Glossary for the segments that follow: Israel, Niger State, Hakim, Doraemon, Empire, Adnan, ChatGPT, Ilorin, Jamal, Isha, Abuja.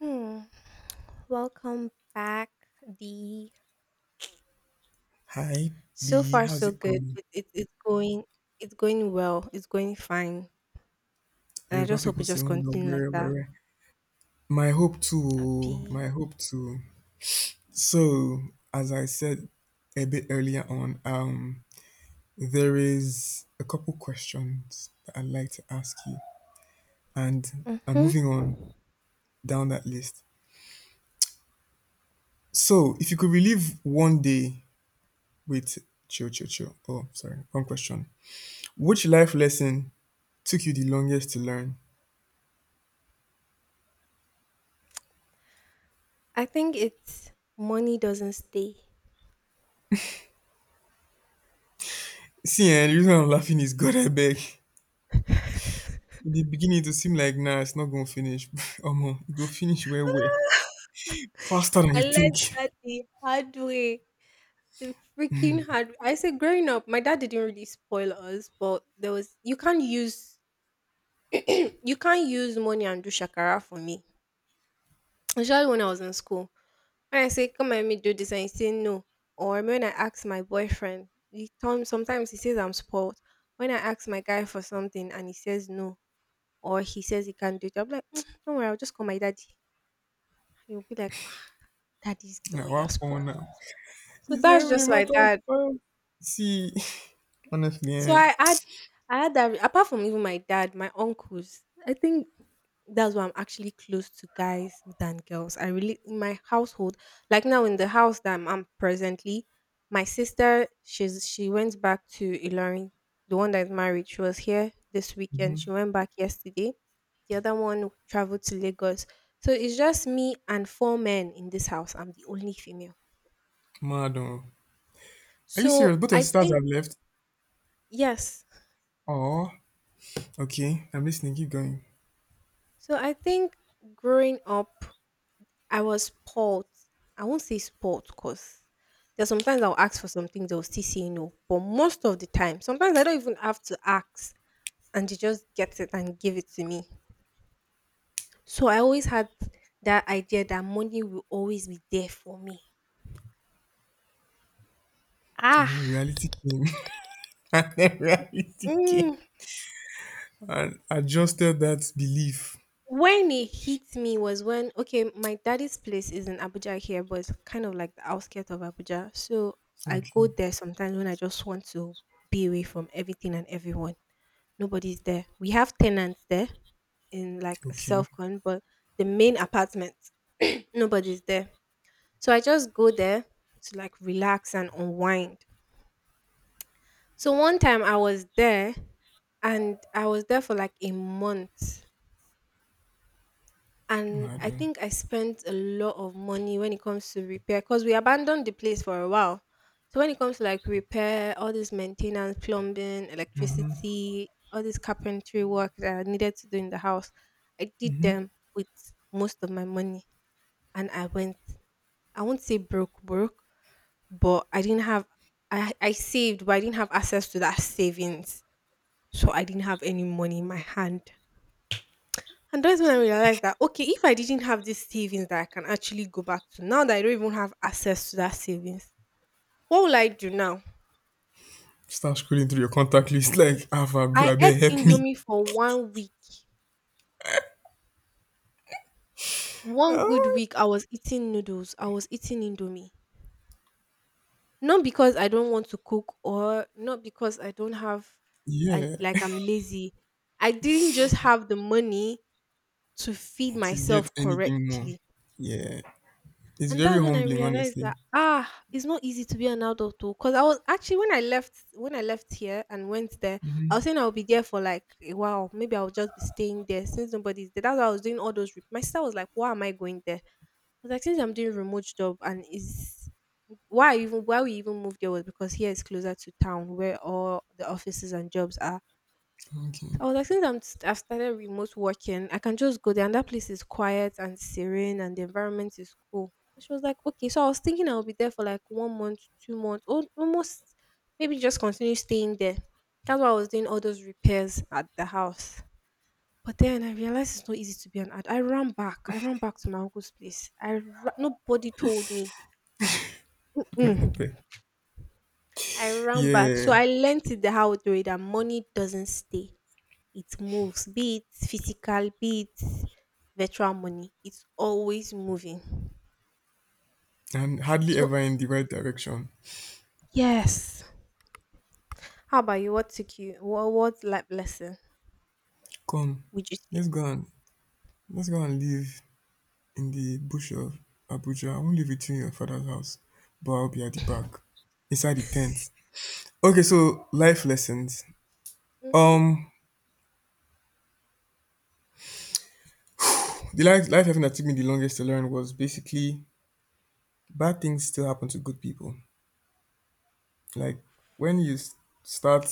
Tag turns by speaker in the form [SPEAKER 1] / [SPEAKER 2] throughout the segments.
[SPEAKER 1] Hmm. Welcome back, D.
[SPEAKER 2] Hi
[SPEAKER 1] So
[SPEAKER 2] B,
[SPEAKER 1] far,
[SPEAKER 2] how's
[SPEAKER 1] so
[SPEAKER 2] it
[SPEAKER 1] good.
[SPEAKER 2] going?
[SPEAKER 1] It's going well. It's going fine, and I
[SPEAKER 2] Yoruba
[SPEAKER 1] just hope it
[SPEAKER 2] people say
[SPEAKER 1] just
[SPEAKER 2] no
[SPEAKER 1] continue like
[SPEAKER 2] where
[SPEAKER 1] that.
[SPEAKER 2] where. My hope too,
[SPEAKER 1] Happy.
[SPEAKER 2] my hope too. So as I said a bit earlier on, there is a couple questions that I'd like to ask you, and I'm
[SPEAKER 1] Mm-hmm.
[SPEAKER 2] moving on down that list. So if you could relive one day with chill. Oh, sorry, one question. Which life lesson took you the longest to learn?
[SPEAKER 1] I think it's money doesn't stay.
[SPEAKER 2] See, and the reason I'm laughing is God, I beg. E dey beginning to seem like now it's not going to finish omo it go finish well well faster than
[SPEAKER 1] I
[SPEAKER 2] you think
[SPEAKER 1] learned that the hard way. The freaking hard way. I said growing up, my dad didn't really spoil us, but there was you can't use you can't use money and do shakara for me. Especially when I was in school. When I say, come and let me do this, and he say no. Or when I ask my boyfriend, sometimes he says I'm spoiled. When I ask my guy for something and he says no, or he says he can't do it, I'm like, "Mm, don't worry, I'll just call my daddy. He'll be like, ah, daddy's
[SPEAKER 2] na
[SPEAKER 1] girl, you're
[SPEAKER 2] one for
[SPEAKER 1] spoiled."
[SPEAKER 2] now?
[SPEAKER 1] So
[SPEAKER 2] It's not
[SPEAKER 1] that's
[SPEAKER 2] even
[SPEAKER 1] just
[SPEAKER 2] a
[SPEAKER 1] my
[SPEAKER 2] matter of
[SPEAKER 1] dad.
[SPEAKER 2] time see honestly
[SPEAKER 1] So
[SPEAKER 2] eh,
[SPEAKER 1] I had that apart from even my dad, my uncles. I think that's why I'm actually close to guys than girls. I really in my household, like now in the house that I'm presently, my sister, she went back to Ilorin, the one that's married. She was here this weekend. She
[SPEAKER 2] mhm,
[SPEAKER 1] went back yesterday. The other one traveled to Lagos. So it's just me and four men in this house. I'm the only female.
[SPEAKER 2] mad oh, are you
[SPEAKER 1] So
[SPEAKER 2] serious both your
[SPEAKER 1] I
[SPEAKER 2] sisters
[SPEAKER 1] think
[SPEAKER 2] have left?
[SPEAKER 1] yes.
[SPEAKER 2] Oh, okay, I'm listening, keep going.
[SPEAKER 1] So I think growing up I was spoilt. I won't say spoilt because there's sometimes I'll ask for some things they'll still say no. But most of the time, sometimes I don't even have to ask and they just get it and give it to me. So I always had that idea that money will always be there for me.
[SPEAKER 2] And
[SPEAKER 1] Ah,
[SPEAKER 2] then reality came. And then reality came
[SPEAKER 1] mm,
[SPEAKER 2] and adjusted that belief.
[SPEAKER 1] when it hit me was when okay, my daddy's place is in Abuja here, but it's kind of like the outskirts of Abuja. So I go
[SPEAKER 2] Okay,
[SPEAKER 1] there sometimes when I just want to be away from everything and everyone. Nobody's there. We have tenants there in like a
[SPEAKER 2] okay,
[SPEAKER 1] self con, but the main apartment, nobody's there. So I just go there to like relax and unwind. So one time I was there and I was there for like a month, and
[SPEAKER 2] mad
[SPEAKER 1] I
[SPEAKER 2] oh,
[SPEAKER 1] think I spent a lot of money when it comes to repair because we abandoned the place for a while. So when it comes to like repair, all this maintenance, plumbing,
[SPEAKER 2] mhm,
[SPEAKER 1] electricity, all this carpentry work that I needed to do in the house, I did
[SPEAKER 2] mhm,
[SPEAKER 1] them with most of my money, and I went. I won't say broke, but I didn't have. I saved, but I didn't have access to that savings, so I didn't have any money in my hand. And that's when I realized that okay, if I didn't have these savings that I can actually go back to, now that I don't even have access to that savings, what will I do now?
[SPEAKER 2] start scrolling through your contact list like Ava, bro
[SPEAKER 1] I
[SPEAKER 2] I
[SPEAKER 1] ate
[SPEAKER 2] better help me.
[SPEAKER 1] Indomie for one week. One good week, I was eating noodles. I was eating Indomie. Not because I don't want to cook or not because I don't have, I,
[SPEAKER 2] Yeah,
[SPEAKER 1] like I'm lazy. I didn't just have the money to feed
[SPEAKER 2] to get
[SPEAKER 1] myself
[SPEAKER 2] anything more.
[SPEAKER 1] correctly.
[SPEAKER 2] Yeah, it's
[SPEAKER 1] And
[SPEAKER 2] very
[SPEAKER 1] that's when I
[SPEAKER 2] humbling,
[SPEAKER 1] realized
[SPEAKER 2] honestly.
[SPEAKER 1] that ah, it's not easy to be an adult though. Cause I was actually when I left here and went there, I was
[SPEAKER 2] Hmm.
[SPEAKER 1] saying I would be there for like a while. Maybe I'll just be staying there since nobody's there. That's why I was doing all those. My sister was like, "Why am I going there?" I was like, "Since I'm doing remote job and is why we even moved there was because here is closer to town where all the offices and jobs are."
[SPEAKER 2] Okay,
[SPEAKER 1] I was like, since I've started remote working, I can just go there, and that place is quiet and serene, and the environment is cool. And she was like, okay. So I was thinking I'll be there for like one month, 2 months, or almost maybe just continue staying there. That's why I was doing all those repairs at the house. But then I realized it's not easy to be an ad. I ran back. I ran back to my uncle's place. Nobody told me.
[SPEAKER 2] God
[SPEAKER 1] Mm.
[SPEAKER 2] help her.
[SPEAKER 1] I ran back. So
[SPEAKER 2] Yeah,
[SPEAKER 1] I learned it the hard way that money doesn't stay. It moves, be physical, be virtual money. It's always moving.
[SPEAKER 2] and hardly
[SPEAKER 1] So
[SPEAKER 2] ever in the right direction.
[SPEAKER 1] yes. How about you? What took you? What life lesson
[SPEAKER 2] Come,
[SPEAKER 1] would you say?
[SPEAKER 2] let's go and let's go and live in the bush of Abuja. I won't live with you in your father's house, but I'll be at the back, inside the tent. Okay, so life lessons.
[SPEAKER 1] Mm-hmm.
[SPEAKER 2] Um, the life lesson that took me the longest to learn was basically bad things still happen to good people. Like when start,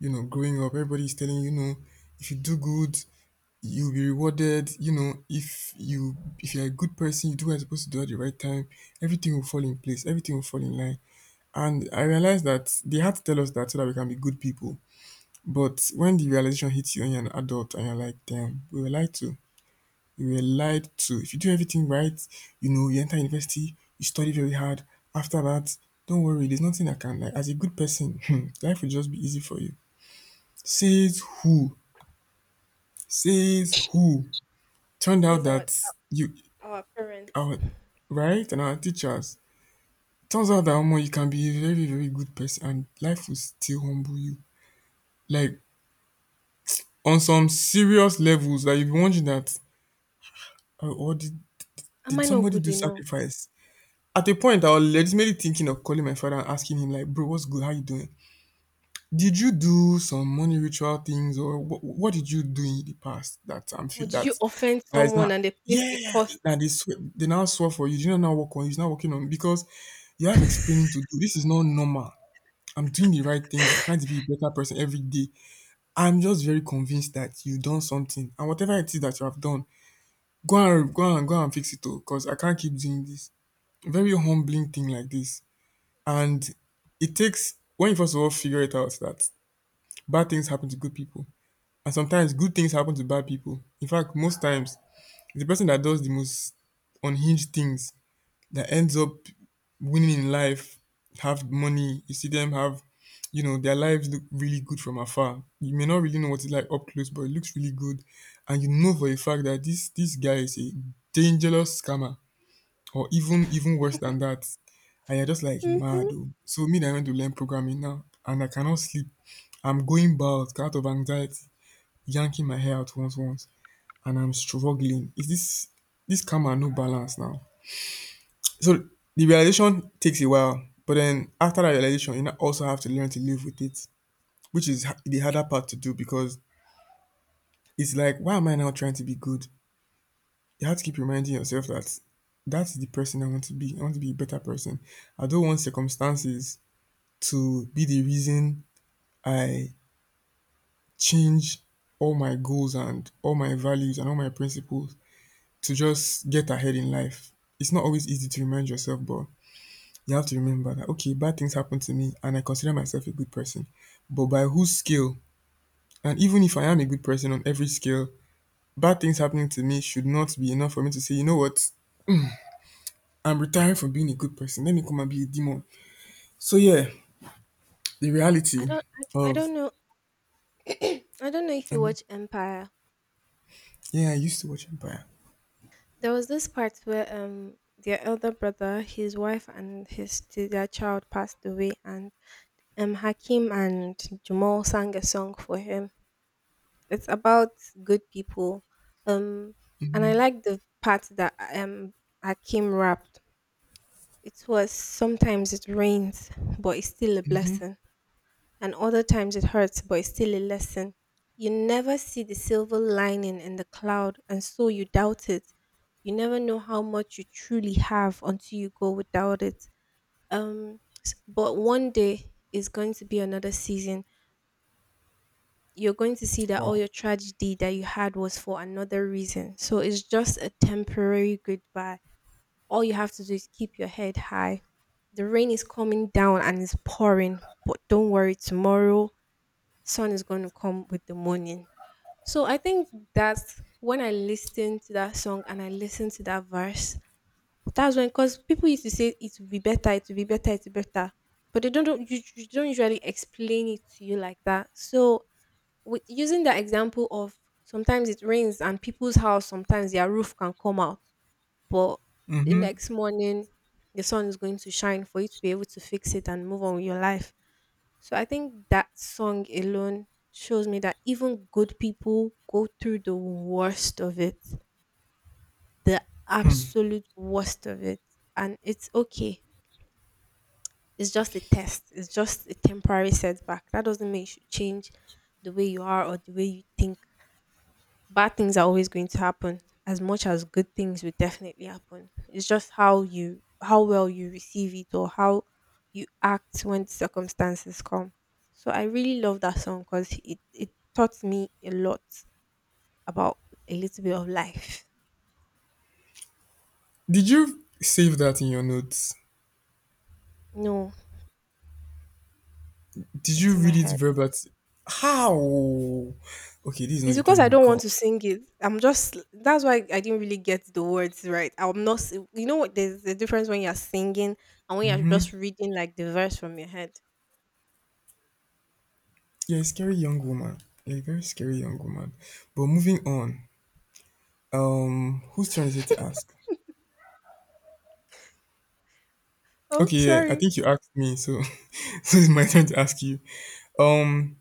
[SPEAKER 2] you know, growing up, everybody's telling you, you know, if you do good, you'll be rewarded. You know, if you if you're a good person, you do what you're supposed to do at the right time. Everything will fall in place. Everything will fall in line. And I realized that they had to tell us that so that we can be good people. But when the realization hits you and you're an adult and you're like, damn, we were lied to, you were lied to. If you do everything right, you know, you enter university, you study very hard. After that, don't worry, there's nothing I can like. As a good person, hmm, life will just be easy for you. Says who? Says who? Turned
[SPEAKER 1] Says
[SPEAKER 2] out that you
[SPEAKER 1] our parents.
[SPEAKER 2] our right and our teachers. Turns out that omo, you can be a very, very good person and life will still humble you. Like on some serious levels that you'll be wondering that oh, or
[SPEAKER 1] Am I
[SPEAKER 2] did
[SPEAKER 1] not
[SPEAKER 2] somebody
[SPEAKER 1] good
[SPEAKER 2] do
[SPEAKER 1] enough?
[SPEAKER 2] sacrifice? At a point, I was legitimately thinking of calling my father and asking him, like, bro, what's good? How you doing? Did you do some money ritual things, or what did you do in the past that I'm
[SPEAKER 1] Or
[SPEAKER 2] feel
[SPEAKER 1] did you
[SPEAKER 2] that
[SPEAKER 1] offend
[SPEAKER 2] that is
[SPEAKER 1] someone
[SPEAKER 2] not?
[SPEAKER 1] and they placed a
[SPEAKER 2] Yeah,
[SPEAKER 1] cost?
[SPEAKER 2] that they swear, they now swear for you. You don't now work on. He's not working on because you have explaining to do. This is not normal. I'm doing the right things. I'm trying to be a better person every day. I'm just very convinced that you've done something, and whatever it is that you have done, go and fix it all. Cause I can't keep doing this. Very humbling thing like this. And it takes when you first of all figure it out that bad things happen to good people, and sometimes good things happen to bad people. In fact, most times it's the person that does the most unhinged things that ends up winning in life, have money. You see them have, you know, their lives look really good from afar. You may not really know what it's like up close, but it looks really good, and you know for a fact that this guy is a dangerous scammer or even worse than that. And you're just like
[SPEAKER 1] Mm-hmm.
[SPEAKER 2] mad. Oh. So me, that I went to learn programming now, and I cannot sleep. I'm going bald out of anxiety, yanking my hair out once, and I'm struggling. Is this calm and no balance now? So the realization takes a while, but then after that realization, you now also have to learn to live with it, which is the harder part to do because it's like, why am I now trying to be good? You have to keep reminding yourself that that's the person I want to be. I want to be a better person. I don't want circumstances to be the reason I change all my goals and all my values and all my principles to just get ahead in life. It's not always easy to remind yourself, but you have to remember that okay, bad things happen to me and I consider myself a good person. But by whose scale? And even if I am a good person on every scale, bad things happening to me should not be enough for me to say, you know what, I'm retiring from being a good person. Let me come and be a demon. So yeah, the
[SPEAKER 1] I
[SPEAKER 2] reality
[SPEAKER 1] don't. I
[SPEAKER 2] of
[SPEAKER 1] don't know. I don't know if you
[SPEAKER 2] um
[SPEAKER 1] watch Empire.
[SPEAKER 2] yeah, I used to watch Empire.
[SPEAKER 1] There was this part where their elder brother, his wife, and his their child passed away, and Hakim and Jamal sang a song for him. It's about good people. Um, and I
[SPEAKER 2] Hmm.
[SPEAKER 1] like the part that Hakim rapped. It was sometimes it rains, but it's still a
[SPEAKER 2] Hmm.
[SPEAKER 1] blessing, and other times it hurts, but it's still a lesson. You never see the silver lining in the cloud, and so you doubt it. You never know how much you truly have until you go without it. But one day is going to be another season you're going to see that all
[SPEAKER 2] Wow.
[SPEAKER 1] your tragedy that you had was for another reason. So it's just a temporary goodbye. All you have to do is keep your head high. The rain is coming down and it's pouring, but don't worry, tomorrow sun is going to come with the morning. So I think that's when I listened to that song and I listened to that verse. That's when, because people used to say it will be better, it will be better, it will be better, but they don't you don't usually explain it to you like that. So with using that example of sometimes it rains and people's house sometimes their roof can come out, but the
[SPEAKER 2] Mhm.
[SPEAKER 1] next morning the sun is going to shine for you to be able to fix it and move on with your life. So I think that song alone shows me that even good people go through the worst of it, the absolute worst of it, and it's okay. It's just a test. It's just a temporary setback that doesn't mean you should change the way you are or the way you think. Bad things are always going to happen as much as good things will definitely happen. It's just how you how well you receive it or how you act when the circumstances come. So I really love that song because it taught me a lot about a little bit of life.
[SPEAKER 2] Did you save that in your notes?
[SPEAKER 1] No,
[SPEAKER 2] Did
[SPEAKER 1] it's
[SPEAKER 2] you
[SPEAKER 1] in my
[SPEAKER 2] read it
[SPEAKER 1] head.
[SPEAKER 2] verbatim? How? Okay, this is not
[SPEAKER 1] It's
[SPEAKER 2] the
[SPEAKER 1] because
[SPEAKER 2] time
[SPEAKER 1] I
[SPEAKER 2] on the
[SPEAKER 1] don't want
[SPEAKER 2] call.
[SPEAKER 1] to sing it. I'm just that's why I didn't really get the words right. I'm not s- you know what there's a difference when you're singing and when you're just reading like the verse from your head.
[SPEAKER 2] You're a scary young woman. You're a very scary young woman. But moving on. Whose turn is it to ask?
[SPEAKER 1] Oh,
[SPEAKER 2] Okay, yeah, I
[SPEAKER 1] sorry.
[SPEAKER 2] think you asked me, so so it's my turn to ask you. Um,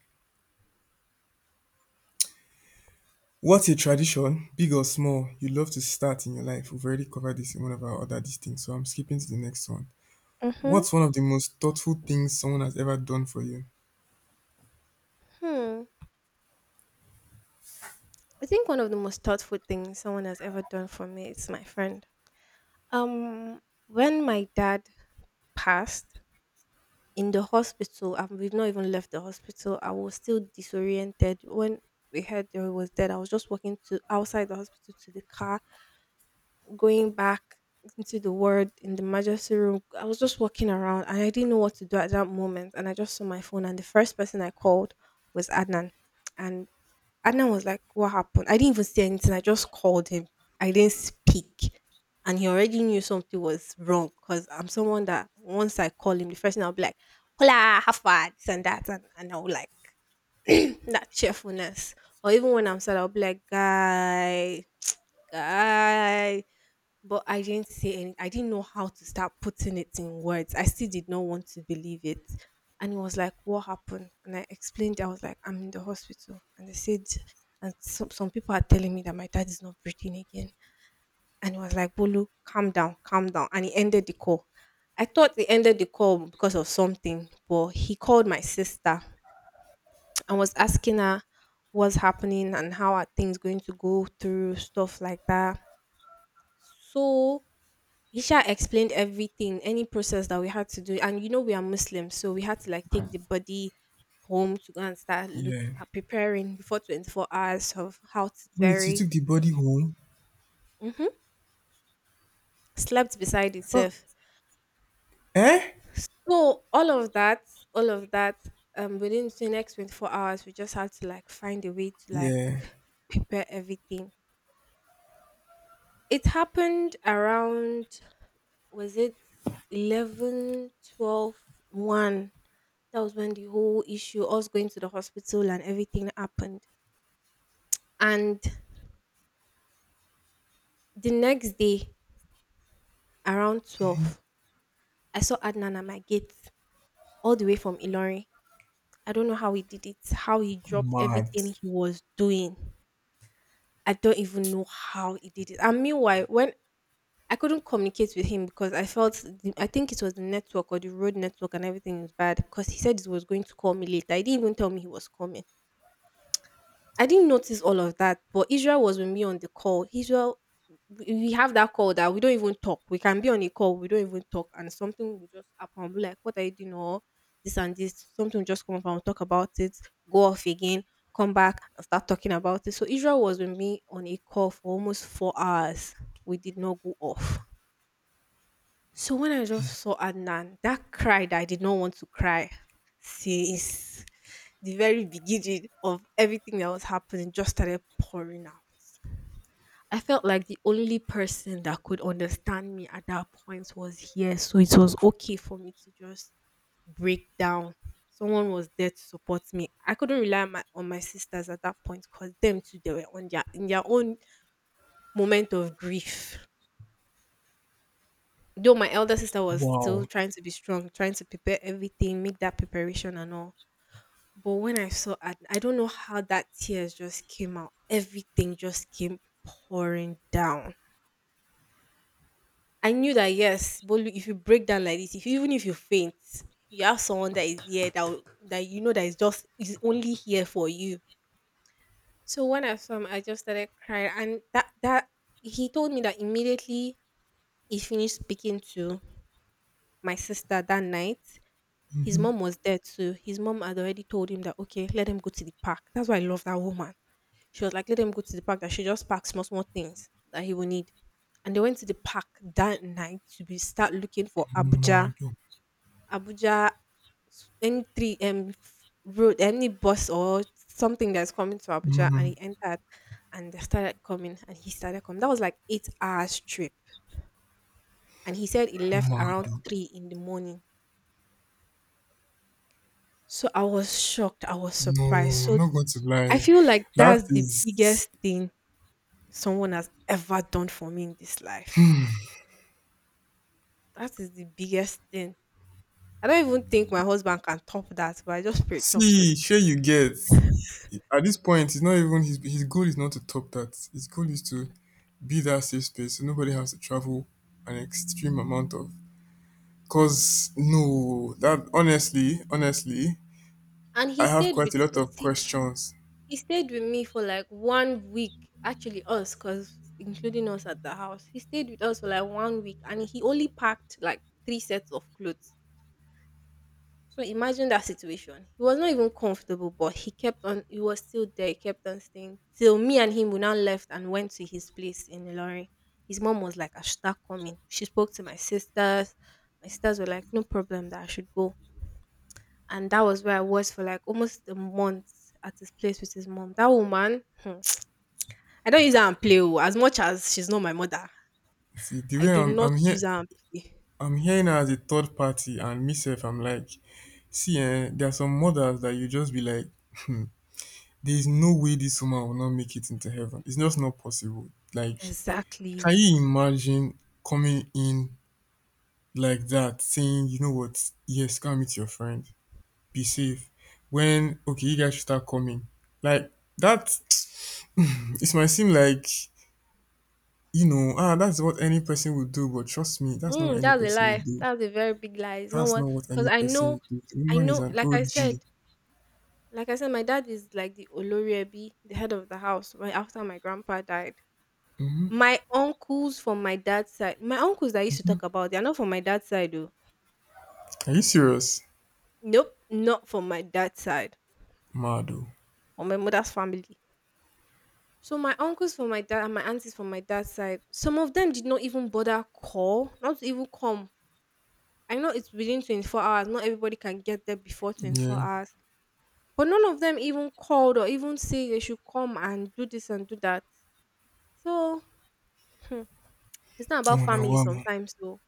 [SPEAKER 2] what's a tradition, big or small, you love to start in your life? We've already covered this in one of our other things, so I'm skipping to the next one.
[SPEAKER 1] Mm-hmm.
[SPEAKER 2] What's one of the most thoughtful things someone has ever done for you?
[SPEAKER 1] Hmm. I think one of the most thoughtful things someone has ever done for me is my friend. Um, when my dad passed, in the hospital and we've not even left the hospital, I was still disoriented. When we heard that he was dead, I was just walking to outside the hospital to the car, going back into the ward in the emergency room. I was just walking around and I didn't know what to do at that moment, and I just saw my phone and the first person I called was Adnan. And Adnan was like, "What happened?" I didn't even say anything. I just called him. I didn't speak. And he already knew something was wrong because I'm someone that once I call him, the first thing I'll be like, "Hola, how far?" This and that. And I'll like that cheerfulness. Or even when I'm sad, I'll be like, "Guy, guy," but I didn't say any I didn't know how to start putting it in words. I still did not want to believe it. And he was like, "What happened?" And I explained, I was like, "I'm in the hospital. And they said," and some people are telling me that my dad is not breathing again. And he was like, "Bolu, calm down, calm down." And he ended the call. I thought he ended the call because of something, but he called my sister and was asking her what's happening and how are things going to go through, stuff like that. So Isha explained everything, any process that we had to do. And you know, we are Muslims, so we had to like take the body home to go and start look
[SPEAKER 2] Yeah.
[SPEAKER 1] at preparing before 24 hours of how to
[SPEAKER 2] Wait, you
[SPEAKER 1] bury.
[SPEAKER 2] took the body home?
[SPEAKER 1] Hmm. Slept beside
[SPEAKER 2] Fuck.
[SPEAKER 1] itself.
[SPEAKER 2] Eh?
[SPEAKER 1] So all of that, all of that, within the next 24 hours, we just had to like find a way to like
[SPEAKER 2] Yeah.
[SPEAKER 1] prepare everything. It happened around, was it eleven, twelve, one? That was when the whole issue us going to the hospital and everything happened, and the next day around 12 I saw Adnan at my gate, all the way from Ilori. I don't know how he did it, how he dropped
[SPEAKER 2] Mad.
[SPEAKER 1] everything he was doing. I don't even know how he did it. And meanwhile, when I couldn't communicate with him because I felt I think it was the network or the road network and everything was bad, because he said he was going to call me later. He didn't even tell me he was coming. I didn't notice all of that, but Israel was with me on the call. Israel, we have that call that we don't even talk. We can be on a call, we don't even talk, and something will just happen. I'll be like, "What are you doing?" or this and this. Something will just come up and we'll talk about it, go off again, come back and start talking about it. So Israel was with me on a call for almost 4 hours. We did not go off. So when I just saw Adnan, that cry that I did not want to cry since the very beginning of everything that was happening just started pouring out. I felt like the only person that could understand me at that point was here. So it was okay for me to just break down. Someone was there to support me. I couldn't rely on on my sisters at that point because them too, they were on their in their own moment of grief. Though my elder sister was still
[SPEAKER 2] Wow.
[SPEAKER 1] trying to be strong, trying to prepare everything, make that preparation and all. But when I saw Adnan, I don't know how that tears just came out. Everything just came pouring down. I knew that yes, but if you break down like this, if even if you faint, you have someone that is here that that you know that is just is only here for you. So when I saw him, I just started crying, and that that he told me that immediately he finished speaking to my sister that night. His mom was there too. His mom had already told him that okay, let them go to the park. That's why I love that woman. She was like, let them go to the park. That she just packed small small things that he will need. And they went to the park that night to be start looking for Abuja,
[SPEAKER 2] Mad oh.
[SPEAKER 1] Abuja, any three road, any bus or something that's coming to Abuja. And he
[SPEAKER 2] Mm,
[SPEAKER 1] entered, and they started coming, and he started coming. That was like 8 hours trip, and he said he left
[SPEAKER 2] mad
[SPEAKER 1] around
[SPEAKER 2] oh.
[SPEAKER 1] 3 in the morning. So I was shocked. I was
[SPEAKER 2] No,
[SPEAKER 1] surprised.
[SPEAKER 2] I'm
[SPEAKER 1] So
[SPEAKER 2] not going to
[SPEAKER 1] I
[SPEAKER 2] lie.
[SPEAKER 1] feel like
[SPEAKER 2] That
[SPEAKER 1] that's the
[SPEAKER 2] is.
[SPEAKER 1] biggest thing someone has ever done for me in this life. That is the biggest thing. I don't even think my husband can top that, but I just pray it tops it.
[SPEAKER 2] See, sure you get. At this point, it's not even his goal is not to top that. His goal is to be that safe space so nobody has to travel an extreme amount of. Cause no, that honestly, honestly,
[SPEAKER 1] And he
[SPEAKER 2] I have
[SPEAKER 1] stayed
[SPEAKER 2] quite a
[SPEAKER 1] with
[SPEAKER 2] lot of questions.
[SPEAKER 1] me for like one week, actually us because including us at the house he stayed with us for like one week, and he only packed like three sets of clothes. So imagine that situation. He was not even comfortable, but he kept on. He was still there. He kept on staying till me and him. We now left and went to his place in Ilorin. His mom was like, "I should start coming." She spoke to my sisters. My sisters were like, "No problem, that I should go." And that was where I was for like almost a month at his place with his mom. That woman, I don't use her and play. Oh, as much as she's not my mother,
[SPEAKER 2] See, the
[SPEAKER 1] I
[SPEAKER 2] way
[SPEAKER 1] do
[SPEAKER 2] I'm,
[SPEAKER 1] not
[SPEAKER 2] I'm
[SPEAKER 1] use
[SPEAKER 2] here,
[SPEAKER 1] her and play.
[SPEAKER 2] I'm hearing her as a third party and myself, I'm like, see, eh, there are some mothers that you just be like, there's no way this woman will not make it into heaven. It's just not possible. Like, can
[SPEAKER 1] Exactly.
[SPEAKER 2] you imagine coming in like that, saying, you know what, yes, come meet your friend, be safe. When, okay, you guys should start coming. Like, that, it might seem like, you know, ah, that's what any person would do, but trust me, that's not what
[SPEAKER 1] Mm,
[SPEAKER 2] any
[SPEAKER 1] that's a
[SPEAKER 2] person
[SPEAKER 1] lie.
[SPEAKER 2] would do.
[SPEAKER 1] That's a very big lie. It's not
[SPEAKER 2] That's
[SPEAKER 1] what
[SPEAKER 2] not what
[SPEAKER 1] because
[SPEAKER 2] any
[SPEAKER 1] I
[SPEAKER 2] person
[SPEAKER 1] know,
[SPEAKER 2] would do. The
[SPEAKER 1] I
[SPEAKER 2] woman is
[SPEAKER 1] know.
[SPEAKER 2] an
[SPEAKER 1] Like I said,
[SPEAKER 2] OG.
[SPEAKER 1] my dad is like the Oloriebi, the head of the house. Right after my grandpa died, my uncles from my dad's side, my uncles that I used to talk about, they are not from my dad's side, though.
[SPEAKER 2] Are you serious?
[SPEAKER 1] Nope, not from my dad's side
[SPEAKER 2] Mado?
[SPEAKER 1] or my mother's family. So my uncles from my dad and my aunties from my dad's side, some of them did not even bother call, not even come. I know it's within 24 hours. Not everybody can get there before 24
[SPEAKER 2] Yeah.
[SPEAKER 1] hours. But none of them even called or even say they should come and do this and do that. So hmm, it's not about
[SPEAKER 2] Oh, now,
[SPEAKER 1] family
[SPEAKER 2] wow man.
[SPEAKER 1] sometimes though.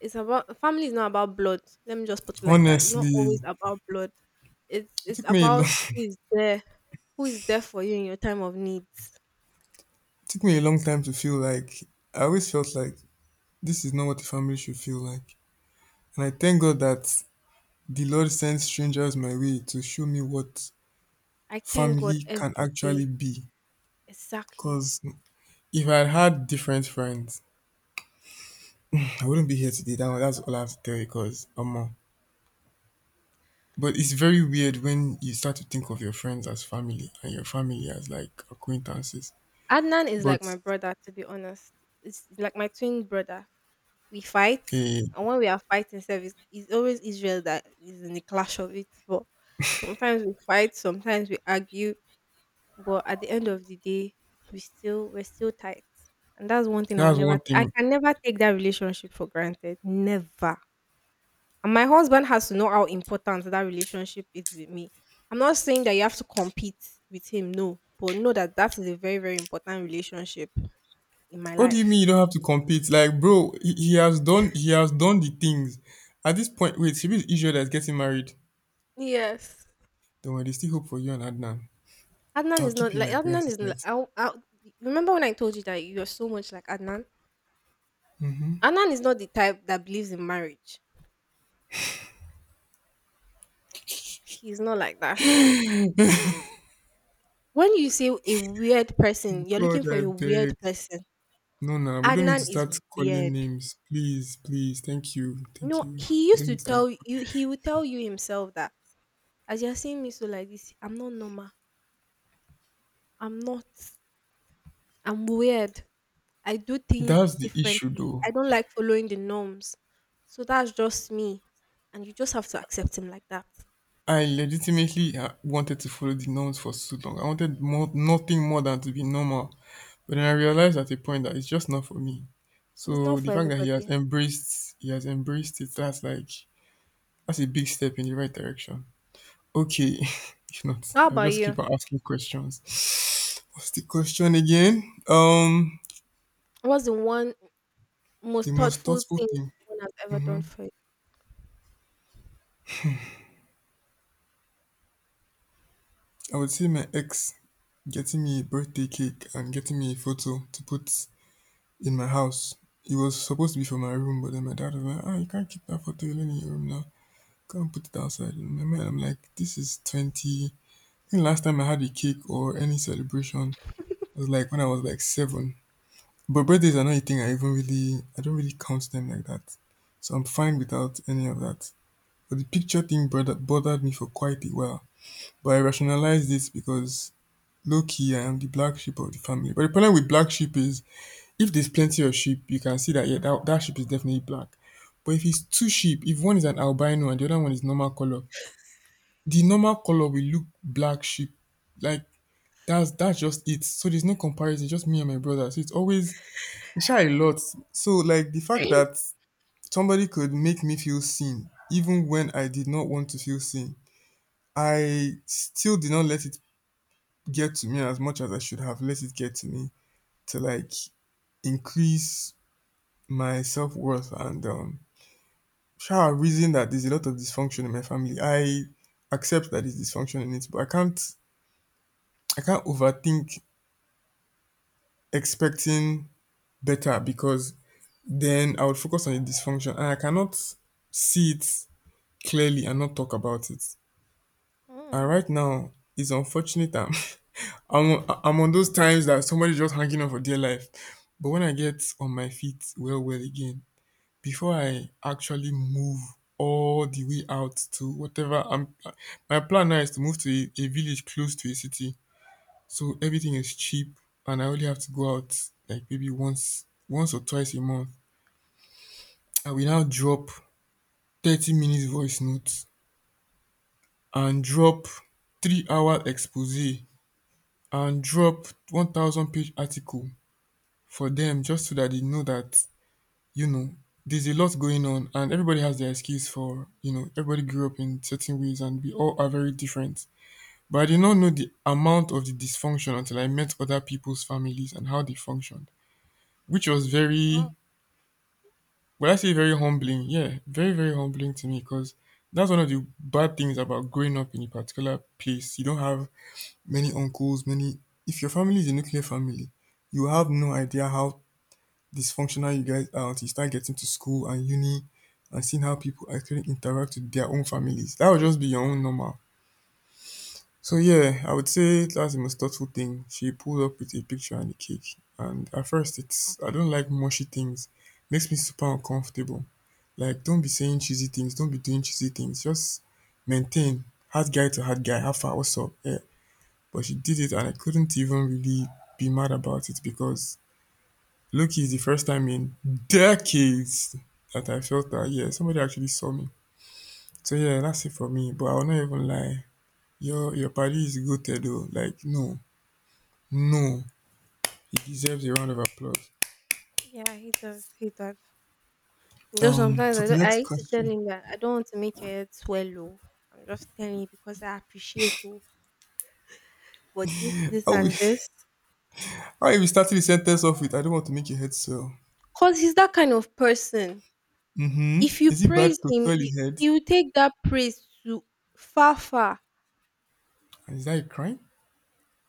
[SPEAKER 1] It's about family is not about blood. Let me just put it like that. It's not
[SPEAKER 2] Honestly,
[SPEAKER 1] always about blood. It's
[SPEAKER 2] it
[SPEAKER 1] it's
[SPEAKER 2] took me a long,
[SPEAKER 1] about who is there, who is there for you in your time of needs.
[SPEAKER 2] it took me a long time to feel like I always felt like this is not what a family should feel like, and I thank God that the Lord sends strangers my way to show me what
[SPEAKER 1] I thank God
[SPEAKER 2] family can
[SPEAKER 1] every
[SPEAKER 2] actually
[SPEAKER 1] day.
[SPEAKER 2] be.
[SPEAKER 1] Exactly.
[SPEAKER 2] Cause if I had had different friends, I wouldn't be here today. That's all I have to tell you. Cause but it's very weird when you start to think of your friends as family and your family as like acquaintances.
[SPEAKER 1] Adnan is like
[SPEAKER 2] But
[SPEAKER 1] my brother, to be honest. It's like my twin brother. We fight,
[SPEAKER 2] okay,
[SPEAKER 1] and when we are fighting service, it's always Israel that is in the clash of it. But sometimes we fight, sometimes we argue, but at the end of the day, we're still tight. And that's one thing I will
[SPEAKER 2] that's
[SPEAKER 1] never.
[SPEAKER 2] one
[SPEAKER 1] Ta- I
[SPEAKER 2] thing.
[SPEAKER 1] can never take that relationship for granted. Never. And my husband has to know how important that relationship is with me. I'm not saying that you have to compete with him, no, but know that that is a very, very important relationship in my
[SPEAKER 2] What do you
[SPEAKER 1] life.
[SPEAKER 2] mean you don't have to compete? Like, bro, he has done the things. At this point, wait, should be Israel that's getting married.
[SPEAKER 1] Yes.
[SPEAKER 2] Don't worry, there's still hope for you and Adnan.
[SPEAKER 1] Adnan
[SPEAKER 2] I'll
[SPEAKER 1] is
[SPEAKER 2] keep
[SPEAKER 1] not
[SPEAKER 2] you in
[SPEAKER 1] like
[SPEAKER 2] my prayers
[SPEAKER 1] Adnan is
[SPEAKER 2] this
[SPEAKER 1] l-
[SPEAKER 2] night.
[SPEAKER 1] I'll, Remember when I told you that you're so much like Adnan? Adnan is not the type that believes in marriage. He's not like that. When you say a weird person, you're looking
[SPEAKER 2] God,
[SPEAKER 1] for
[SPEAKER 2] I
[SPEAKER 1] a weird
[SPEAKER 2] beg.
[SPEAKER 1] person.
[SPEAKER 2] No, we don't need to
[SPEAKER 1] Adnan is
[SPEAKER 2] start calling
[SPEAKER 1] weird.
[SPEAKER 2] names. Please, thank you, thank
[SPEAKER 1] No,
[SPEAKER 2] you. We don't need to start.
[SPEAKER 1] he would tell you himself that as you're seeing me so like this, I'm not normal. I'm not I'm weird. I do things
[SPEAKER 2] That's the issue,
[SPEAKER 1] differently.
[SPEAKER 2] though.
[SPEAKER 1] I don't like following the norms. So that's just me. And you just have to accept him like that.
[SPEAKER 2] I legitimately wanted to follow the norms for so long. I wanted more, nothing more than to be normal. But then I realized at a point that it's just not for me.
[SPEAKER 1] It's
[SPEAKER 2] So
[SPEAKER 1] not
[SPEAKER 2] the
[SPEAKER 1] for
[SPEAKER 2] fact that he has
[SPEAKER 1] everybody.
[SPEAKER 2] embraced, he has embraced it. That's like that's a big step in the right direction. Okay, if not,
[SPEAKER 1] How
[SPEAKER 2] I'll
[SPEAKER 1] about
[SPEAKER 2] just
[SPEAKER 1] you?
[SPEAKER 2] keep on asking questions. What's the question again? Um,
[SPEAKER 1] What's the one
[SPEAKER 2] the
[SPEAKER 1] most
[SPEAKER 2] most
[SPEAKER 1] thoughtful
[SPEAKER 2] thoughtful
[SPEAKER 1] thing
[SPEAKER 2] thing.
[SPEAKER 1] someone has ever
[SPEAKER 2] Hmm.
[SPEAKER 1] done for
[SPEAKER 2] I would say my ex getting me a birthday cake and getting me a photo to put in my house. It was supposed to be for my room, but then my dad was like, "Ah, you can't keep that photo alone in your room now. Go and put it outside." In my mind, I'm like, "This is 20." I think last time I had a cake or any celebration was like when I was like seven. But birthdays are not a thing I even really, I don't really count them like that. So I'm fine without any of that. But the picture bothered me for quite a while. But I rationalized this because low-key, I am the black sheep of the family. But the problem with black sheep is if there's plenty of sheep, you can see that yeah, that sheep is definitely black. But if it's two sheep, if one is an albino and the other one is normal color, the normal color will look black sheep. Like that's just it. So there's no comparison. Just me and my brother. So it's always it's shy a lot. So like the fact
[SPEAKER 1] you?
[SPEAKER 2] that somebody could make me feel seen, even when I did not want to feel seen, I still did not let it get to me as much as I should have let it get to me. To like increase my self worth and sure I reason that there's a lot of dysfunction in my family. I accept that there's dysfunction in it, but I can't overthink expecting better because then I would focus on the dysfunction and I cannot see it clearly and not talk about it. And
[SPEAKER 1] Mm.
[SPEAKER 2] right now it's unfortunate I'm I'm on those times that somebody's just hanging on for dear life. But when I get on my feet well again, before I actually move all the way out to my plan now is to move to a village close to a city. So everything is cheap and I only have to go out like maybe once or twice a month. I will now drop 30 minutes voice notes and drop 3 hour expose and drop 1,000 page article for them just so that they know that you know, there's a lot going on, and everybody has their excuse for, everybody grew up in certain ways, and we all are very different. But I did not know the amount of the dysfunction until I met other people's families and how they functioned, which was
[SPEAKER 1] Wow.
[SPEAKER 2] I say very humbling. Yeah, very, very humbling to me because that's one of the bad things about growing up in a particular place. You don't have many uncles, many. If your family is a nuclear family, you have no idea how dysfunctional you guys are until you start getting to school and uni and seeing how people actually interact with their own families. That would just be your own normal. So yeah, I would say that's the most thoughtful thing. She pulled up with a picture and a cake. And at first it's I don't like mushy things. Makes me super uncomfortable. Like don't be saying cheesy things, don't be doing cheesy things. Just maintain hard guy to hard guy, how far what's up? Yeah. But she did it and I couldn't even really be mad about it because Loki is the first time in decades that I felt that yeah, somebody actually saw me. So yeah, that's it for me. But I will not even lie. Your party is goated though. Like no, no, he deserves a round of applause.
[SPEAKER 1] Yeah, he does. He does. Though
[SPEAKER 2] Um,
[SPEAKER 1] sometimes
[SPEAKER 2] so the
[SPEAKER 1] I
[SPEAKER 2] next
[SPEAKER 1] used to tell
[SPEAKER 2] question.
[SPEAKER 1] him that I don't want to make your head swell. Oh. I'm just telling you because I appreciate you, but this,
[SPEAKER 2] How we
[SPEAKER 1] and this.
[SPEAKER 2] how if we started the sentence off with? I don't want to make your head swell.
[SPEAKER 1] Because he's that kind of person. If
[SPEAKER 2] Mm-hmm.
[SPEAKER 1] you
[SPEAKER 2] Is it bad
[SPEAKER 1] praise
[SPEAKER 2] to
[SPEAKER 1] him,
[SPEAKER 2] swell his head?
[SPEAKER 1] he will take that praise to far, far.
[SPEAKER 2] And is that a crime?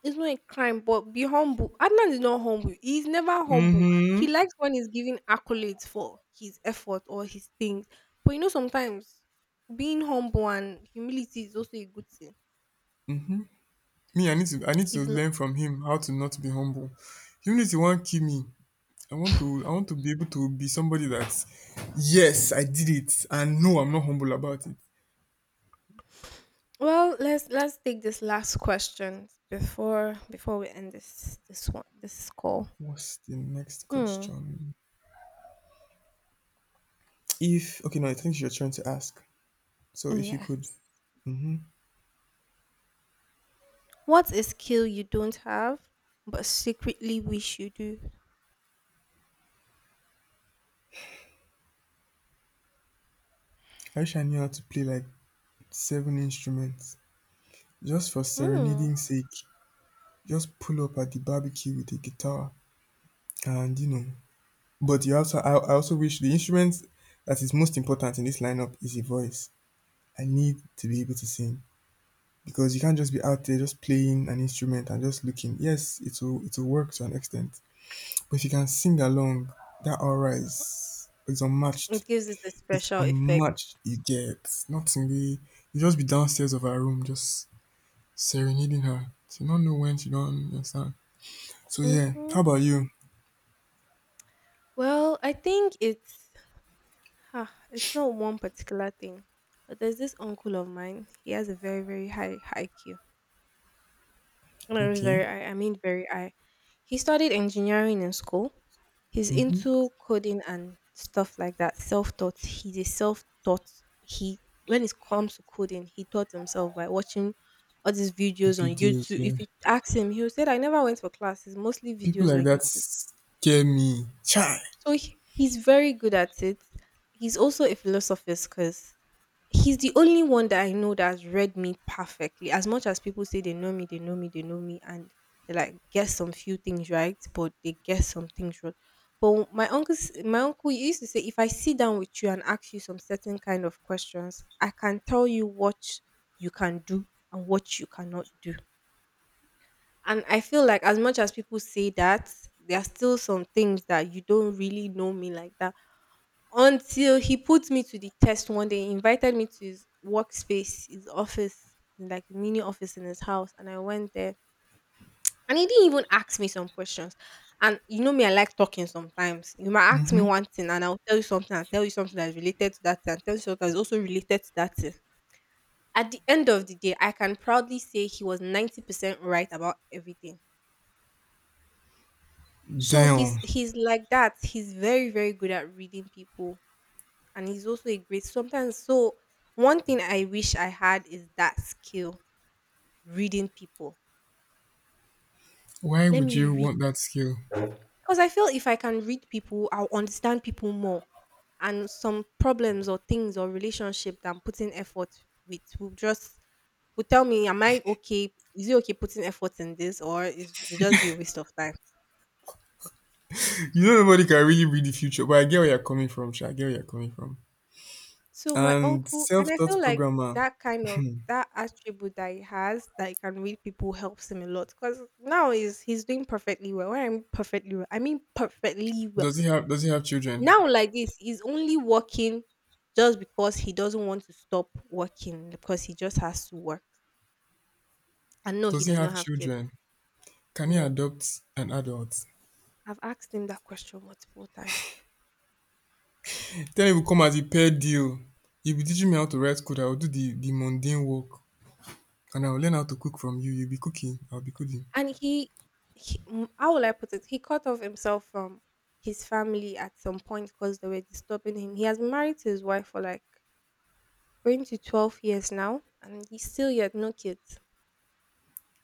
[SPEAKER 1] It's not a crime, but be humble. Adnan is not humble. He's never humble. He
[SPEAKER 2] Mm-hmm.
[SPEAKER 1] likes when he's given accolades for his effort or his things. But you know, sometimes being humble and humility is also a good thing.
[SPEAKER 2] Me, I need to
[SPEAKER 1] He's not.
[SPEAKER 2] learn from him how to not be humble. Even if you want to kill me, I want to be able to be somebody that yes, I did it and no, I'm not humble about it.
[SPEAKER 1] Well, let's take this last question before we end this call.
[SPEAKER 2] What's the next
[SPEAKER 1] Hmm.
[SPEAKER 2] question? If okay, no, I think you're trying to ask. So if you could,
[SPEAKER 1] Yes.
[SPEAKER 2] hmm
[SPEAKER 1] What's a skill you don't have but secretly wish you do?
[SPEAKER 2] I wish I knew how to play like seven instruments just for
[SPEAKER 1] Hmm.
[SPEAKER 2] serenading sake. Just pull up at the barbecue with a guitar and you know. But you also I also wish the instrument that is most important in this lineup is a voice. I need to be able to sing. Because you can't just be out there just playing an instrument and just looking. Yes, it will work to an extent, but if you can sing along, that aura is unmatched.
[SPEAKER 1] It gives it a
[SPEAKER 2] It's
[SPEAKER 1] special effect.
[SPEAKER 2] unmatched. You get nothing. Be you just be downstairs of her room, just serenading her. She don't know when she don't understand. So yeah,
[SPEAKER 1] Mhm.
[SPEAKER 2] how about you?
[SPEAKER 1] Well, I think it's not one particular thing. But there's this uncle of mine. He has a very, very high IQ. No, he's
[SPEAKER 2] Okay.
[SPEAKER 1] very I mean very I. He studied engineering in school. He's
[SPEAKER 2] Mm-hmm.
[SPEAKER 1] into coding and stuff like that. Self-taught. He's a self-taught. He When it comes to coding, he taught himself by watching all these videos on
[SPEAKER 2] Videos.
[SPEAKER 1] YouTube.
[SPEAKER 2] Yeah.
[SPEAKER 1] If you ask him, he'll say I never went for classes, mostly
[SPEAKER 2] People
[SPEAKER 1] videos
[SPEAKER 2] like
[SPEAKER 1] on
[SPEAKER 2] that
[SPEAKER 1] YouTube.
[SPEAKER 2] scare me. Chai.
[SPEAKER 1] So he's very good at it. He's also a philosopher, because he's the only one that I know that has read me perfectly. As much as people say they know me, they know me, they know me, and they like guess some few things right, but they guess some things wrong. But my uncle used to say, if I sit down with you and ask you some certain kind of questions, I can tell you what you can do and what you cannot do. And I feel like as much as people say that, there are still some things that you don't really know me like that. Until he put me to the test one day, he invited me to his workspace, his office, like the mini office in his house, and I went there. And he didn't even ask me some questions. And you know me, I like talking sometimes. You might ask me
[SPEAKER 2] Mm-hmm.
[SPEAKER 1] one thing and I'll tell you something, I'll tell you something that's related to that thing, and tell you something that's also related to that thing. At the end of the day, I can proudly say he was 90% right about everything. So
[SPEAKER 2] Damn.
[SPEAKER 1] he's like that. He's very good at reading people, and he's also a great sometimes. So one thing I wish I had is that skill, reading people.
[SPEAKER 2] Why
[SPEAKER 1] Let
[SPEAKER 2] would
[SPEAKER 1] me
[SPEAKER 2] you
[SPEAKER 1] read
[SPEAKER 2] want that skill?
[SPEAKER 1] because I feel if I can read people, I'll understand people more, and some problems or things or relationship that I'm putting effort with will just will tell me, am I okay? Is it okay putting effort in this, or is it just be a waste of time?
[SPEAKER 2] You know, nobody can really read the future, but I get where you're coming from, Sha. I get where you're coming from.
[SPEAKER 1] So my
[SPEAKER 2] And
[SPEAKER 1] uncle and I feel
[SPEAKER 2] self-taught
[SPEAKER 1] like
[SPEAKER 2] programmer,
[SPEAKER 1] that kind of that attribute that he has that he can read people helps him a lot because now is he's doing perfectly well. When I mean perfectly well, I mean perfectly well.
[SPEAKER 2] does he have children?
[SPEAKER 1] Now like this, he's only working just because he doesn't want to stop working because he just has to work. And no, he
[SPEAKER 2] Does he
[SPEAKER 1] does not
[SPEAKER 2] have
[SPEAKER 1] have kids.
[SPEAKER 2] children? Can he
[SPEAKER 1] No,
[SPEAKER 2] adopt an adult?
[SPEAKER 1] I've asked him that question multiple times.
[SPEAKER 2] Tell him to come as a paid deal. You'll be teaching me how to write code, I'll do the mundane work. And I'll learn how to cook from you. You'll be cooking, I'll be cooking.
[SPEAKER 1] And he how will I put it? He cut off himself from his family at some point because they were disturbing him. He has been married to his wife for like going to 12 years now, and he's still yet no kids.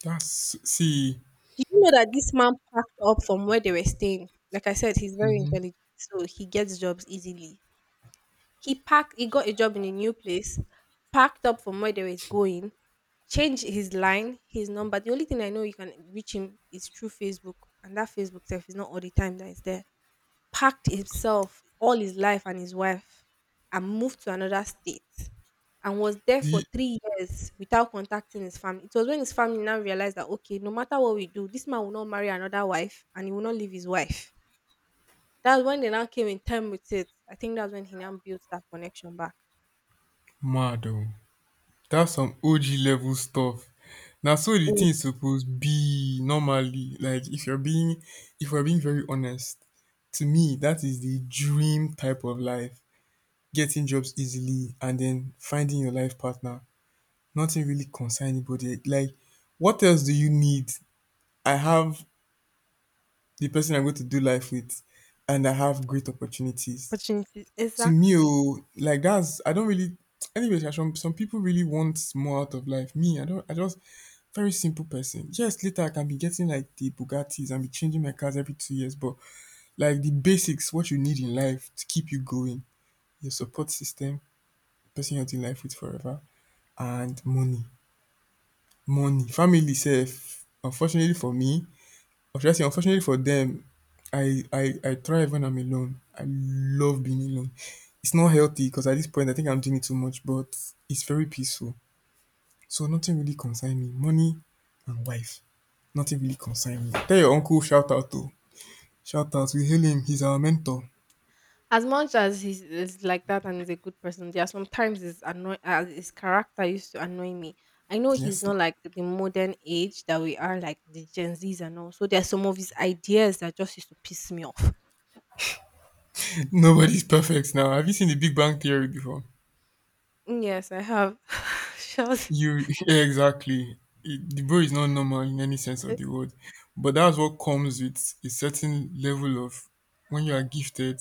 [SPEAKER 2] That's see.
[SPEAKER 1] Do you know that this man packed up from where they were staying? Like I said, he's very
[SPEAKER 2] Mm-hmm.
[SPEAKER 1] intelligent, so he gets jobs easily. He packed, he got a job in a new place, packed up from where they were going, changed his line, his number. The only thing I know you can reach him is through Facebook, and that Facebook self is not all the time that is there. Packed himself, all his life and his wife, and moved to another state and was there for
[SPEAKER 2] The
[SPEAKER 1] 3 years without contacting his family. It was when his family now realized that okay, no matter what we do, this man will not marry another wife and he will not leave his wife. That's when they now came in time with it. I think that's when he now built that connection back.
[SPEAKER 2] mad oh. That's some OG level stuff. Now, so the
[SPEAKER 1] Oh,
[SPEAKER 2] thing is supposed be normally. If we're being very honest, to me that is the dream type of life. Getting jobs easily and then finding your life partner. Nothing really concern anybody. Like what else do you need? I have the person I'm going to do life with and I have great opportunities.
[SPEAKER 1] opportunities.
[SPEAKER 2] To me
[SPEAKER 1] Exactly.
[SPEAKER 2] oh like that's I don't really anyway sha, some people really want more out of life me I don't I just very simple person yes later I can be getting like the bugattis and be changing my cars every 2 years but like the basics what you need in life to keep you going your support system person you're in life with forever and money money family sef unfortunately for me or should I say, unfortunately for them, I thrive when I'm alone. I love being alone. It's not healthy because at this point I think I'm doing it too much, but it's very peaceful. So nothing really concern me. Money and wife, nothing really concern me. Tell your uncle shout out. We hail him. He's our mentor.
[SPEAKER 1] As much as he's like that and he's a good person, there are sometimes his annoy his character used to annoy me. I know he's
[SPEAKER 2] Yes,
[SPEAKER 1] not like the modern age that we are, like the Gen Zs and all. So there are some of his ideas that just used to piss me off.
[SPEAKER 2] nobody's perfect now. Have you seen the Big Bang Theory before?
[SPEAKER 1] Yes, I have. Shout.
[SPEAKER 2] You yeah, exactly. It- the bro is not normal in any sense of the word, but that's what comes with a certain level of when you are gifted.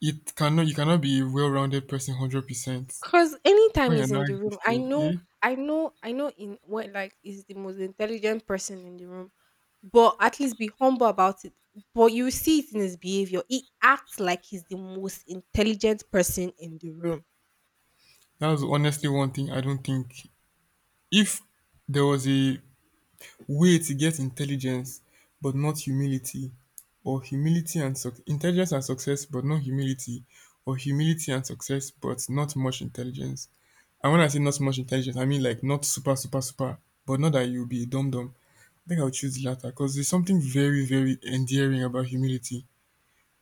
[SPEAKER 2] It cannot you cannot be a well-rounded person 100%
[SPEAKER 1] Because anytime
[SPEAKER 2] when you're
[SPEAKER 1] he's in
[SPEAKER 2] not
[SPEAKER 1] the room, I
[SPEAKER 2] gifted.
[SPEAKER 1] know,
[SPEAKER 2] Yeah,
[SPEAKER 1] I know in what like is the most intelligent person in the room, but at least be humble about it. But you see it in his behavior. He acts like he's the most intelligent person in the room.
[SPEAKER 2] that's honestly one thing I don't think. If there was a way to get intelligence but not humility, or humility and suc intelligence and success but not humility, or humility and success but not much intelligence, and when I say not so much intelligence, I mean like not super, but not that you'll be a dum dum. I think I would choose the latter because there's something very, very endearing about humility.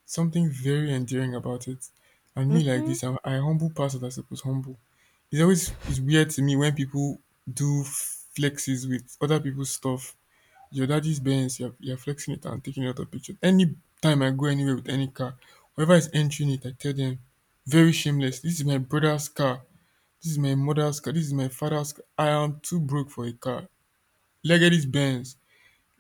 [SPEAKER 2] Something very endearing about it. And me like
[SPEAKER 1] Mhm.
[SPEAKER 2] this, I humble past what I suppose humble. It's always it's weird to me when people do flexes with other people's stuff. Your daddy's Benz, you're flexing it and taking a lot of pictures. Any time I go anywhere with any car, whoever is entering it, I tell them, very shameless. This is my brother's car. This is my mother's car. This is my father's car. I am too broke for a car. Legendis Benz.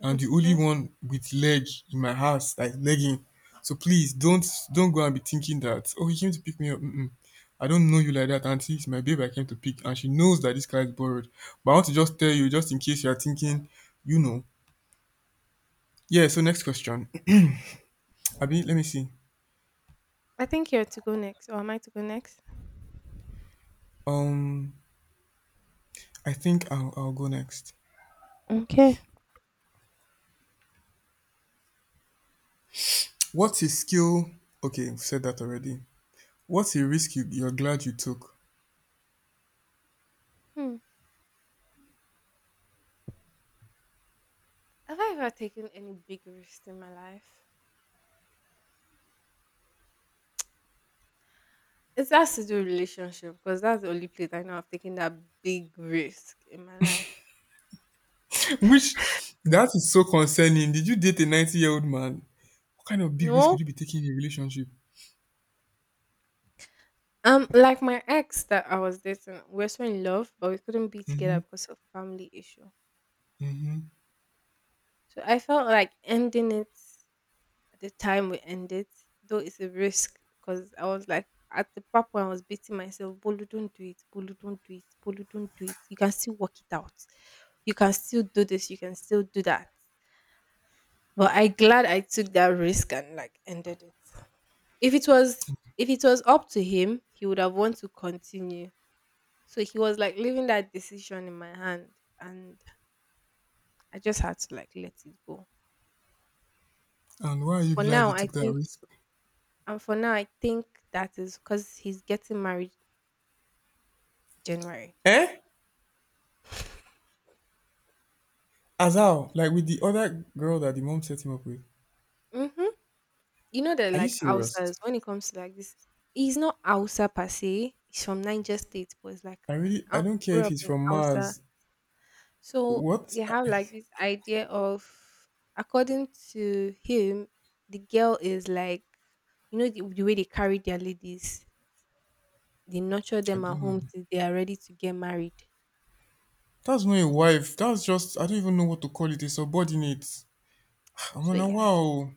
[SPEAKER 2] I'm the only
[SPEAKER 1] Mhm.
[SPEAKER 2] one with leg in my house, like legging. So please don't go and be thinking that oh he came to pick me up. Mm-mm. I don't know you like that, auntie. It's my babe I came to pick, and she knows that this car is borrowed. But I want to just tell you, just in case you are thinking, you know. Yeah. So next question, Abi. Let me see.
[SPEAKER 1] I think you're to go next, or am I to go next?
[SPEAKER 2] Um, I think I'll go next.
[SPEAKER 1] Okay.
[SPEAKER 2] What's a skill? Okay, we've said that already. What's a risk you're glad you took?
[SPEAKER 1] Hmm. Have I ever taken any big risk in my life? It has to do with relationship because that's the only place I know I've taken that big risk in my life.
[SPEAKER 2] Which that is so concerning. Did you date a 90-year-old man? What kind of big risk
[SPEAKER 1] No.
[SPEAKER 2] could you be taking in a relationship?
[SPEAKER 1] Like my ex that I was dating, we were so in love, but we couldn't be
[SPEAKER 2] Mm-hmm.
[SPEAKER 1] together because of family issue.
[SPEAKER 2] Mm-hmm.
[SPEAKER 1] So I felt like ending it at the time we ended, though it's a risk because I was like at the part when I was beating myself, Bolu, don't do it, Bolu, don't do it, Bolu, don't do it. You can still work it out. You can still do this, you can still do that. But I glad I took that risk and like ended it. If it was if it was up to him, he would have wanted to continue. So he was like leaving that decision in my hand and I just had to like let it go.
[SPEAKER 2] And why are you
[SPEAKER 1] For
[SPEAKER 2] glad
[SPEAKER 1] now,
[SPEAKER 2] you
[SPEAKER 1] I
[SPEAKER 2] took that
[SPEAKER 1] think
[SPEAKER 2] risk?
[SPEAKER 1] and for now I think that is because he's getting married January.
[SPEAKER 2] Eh? As how? Like with the other girl that the mom set him up with.
[SPEAKER 1] Mm-hmm. You know that
[SPEAKER 2] Are you
[SPEAKER 1] like
[SPEAKER 2] serious?
[SPEAKER 1] Hausas, when it comes to like this, he's not Hausa per se. He's from Niger State, but it's like
[SPEAKER 2] I
[SPEAKER 1] an
[SPEAKER 2] really I
[SPEAKER 1] out
[SPEAKER 2] don't care
[SPEAKER 1] grew
[SPEAKER 2] if
[SPEAKER 1] up
[SPEAKER 2] he's
[SPEAKER 1] in
[SPEAKER 2] from
[SPEAKER 1] Hausa.
[SPEAKER 2] Mars.
[SPEAKER 1] So
[SPEAKER 2] What?
[SPEAKER 1] they have like this idea of, according to him, the girl is like, you know, the way they carry their ladies, they nurture
[SPEAKER 2] I
[SPEAKER 1] them at
[SPEAKER 2] don't know.
[SPEAKER 1] home till they are ready to get married.
[SPEAKER 2] That's not a wife. That's just I don't even know what to call it. A subordinate. I'm
[SPEAKER 1] So
[SPEAKER 2] on a
[SPEAKER 1] yeah,
[SPEAKER 2] wow.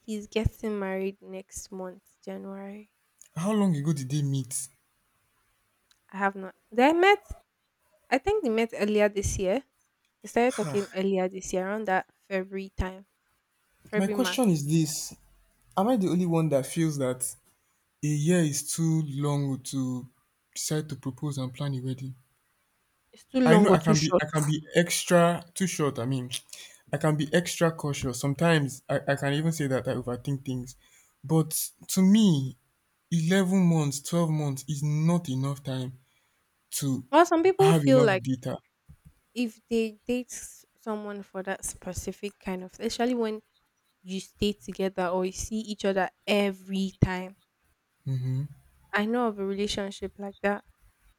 [SPEAKER 1] he's getting married next month, January.
[SPEAKER 2] How long ago did they meet?
[SPEAKER 1] I have not. They met. I think they met earlier this year. They started talking earlier this year, around that February time,
[SPEAKER 2] My
[SPEAKER 1] February
[SPEAKER 2] question
[SPEAKER 1] March.
[SPEAKER 2] is this: am I the only one that feels that a year is too long to decide to propose and plan a wedding.
[SPEAKER 1] It's too
[SPEAKER 2] I
[SPEAKER 1] long
[SPEAKER 2] know
[SPEAKER 1] or too short.
[SPEAKER 2] I can be extra too short, I mean I can be extra cautious. Sometimes I can even say that I overthink things. But to me, 11 months, 12 months is not enough time to
[SPEAKER 1] Well, some people
[SPEAKER 2] have
[SPEAKER 1] feel
[SPEAKER 2] enough
[SPEAKER 1] like
[SPEAKER 2] data.
[SPEAKER 1] if they date someone for that specific kind of, especially when you stay together or you see each other every time.
[SPEAKER 2] hmm
[SPEAKER 1] I know of a relationship like that.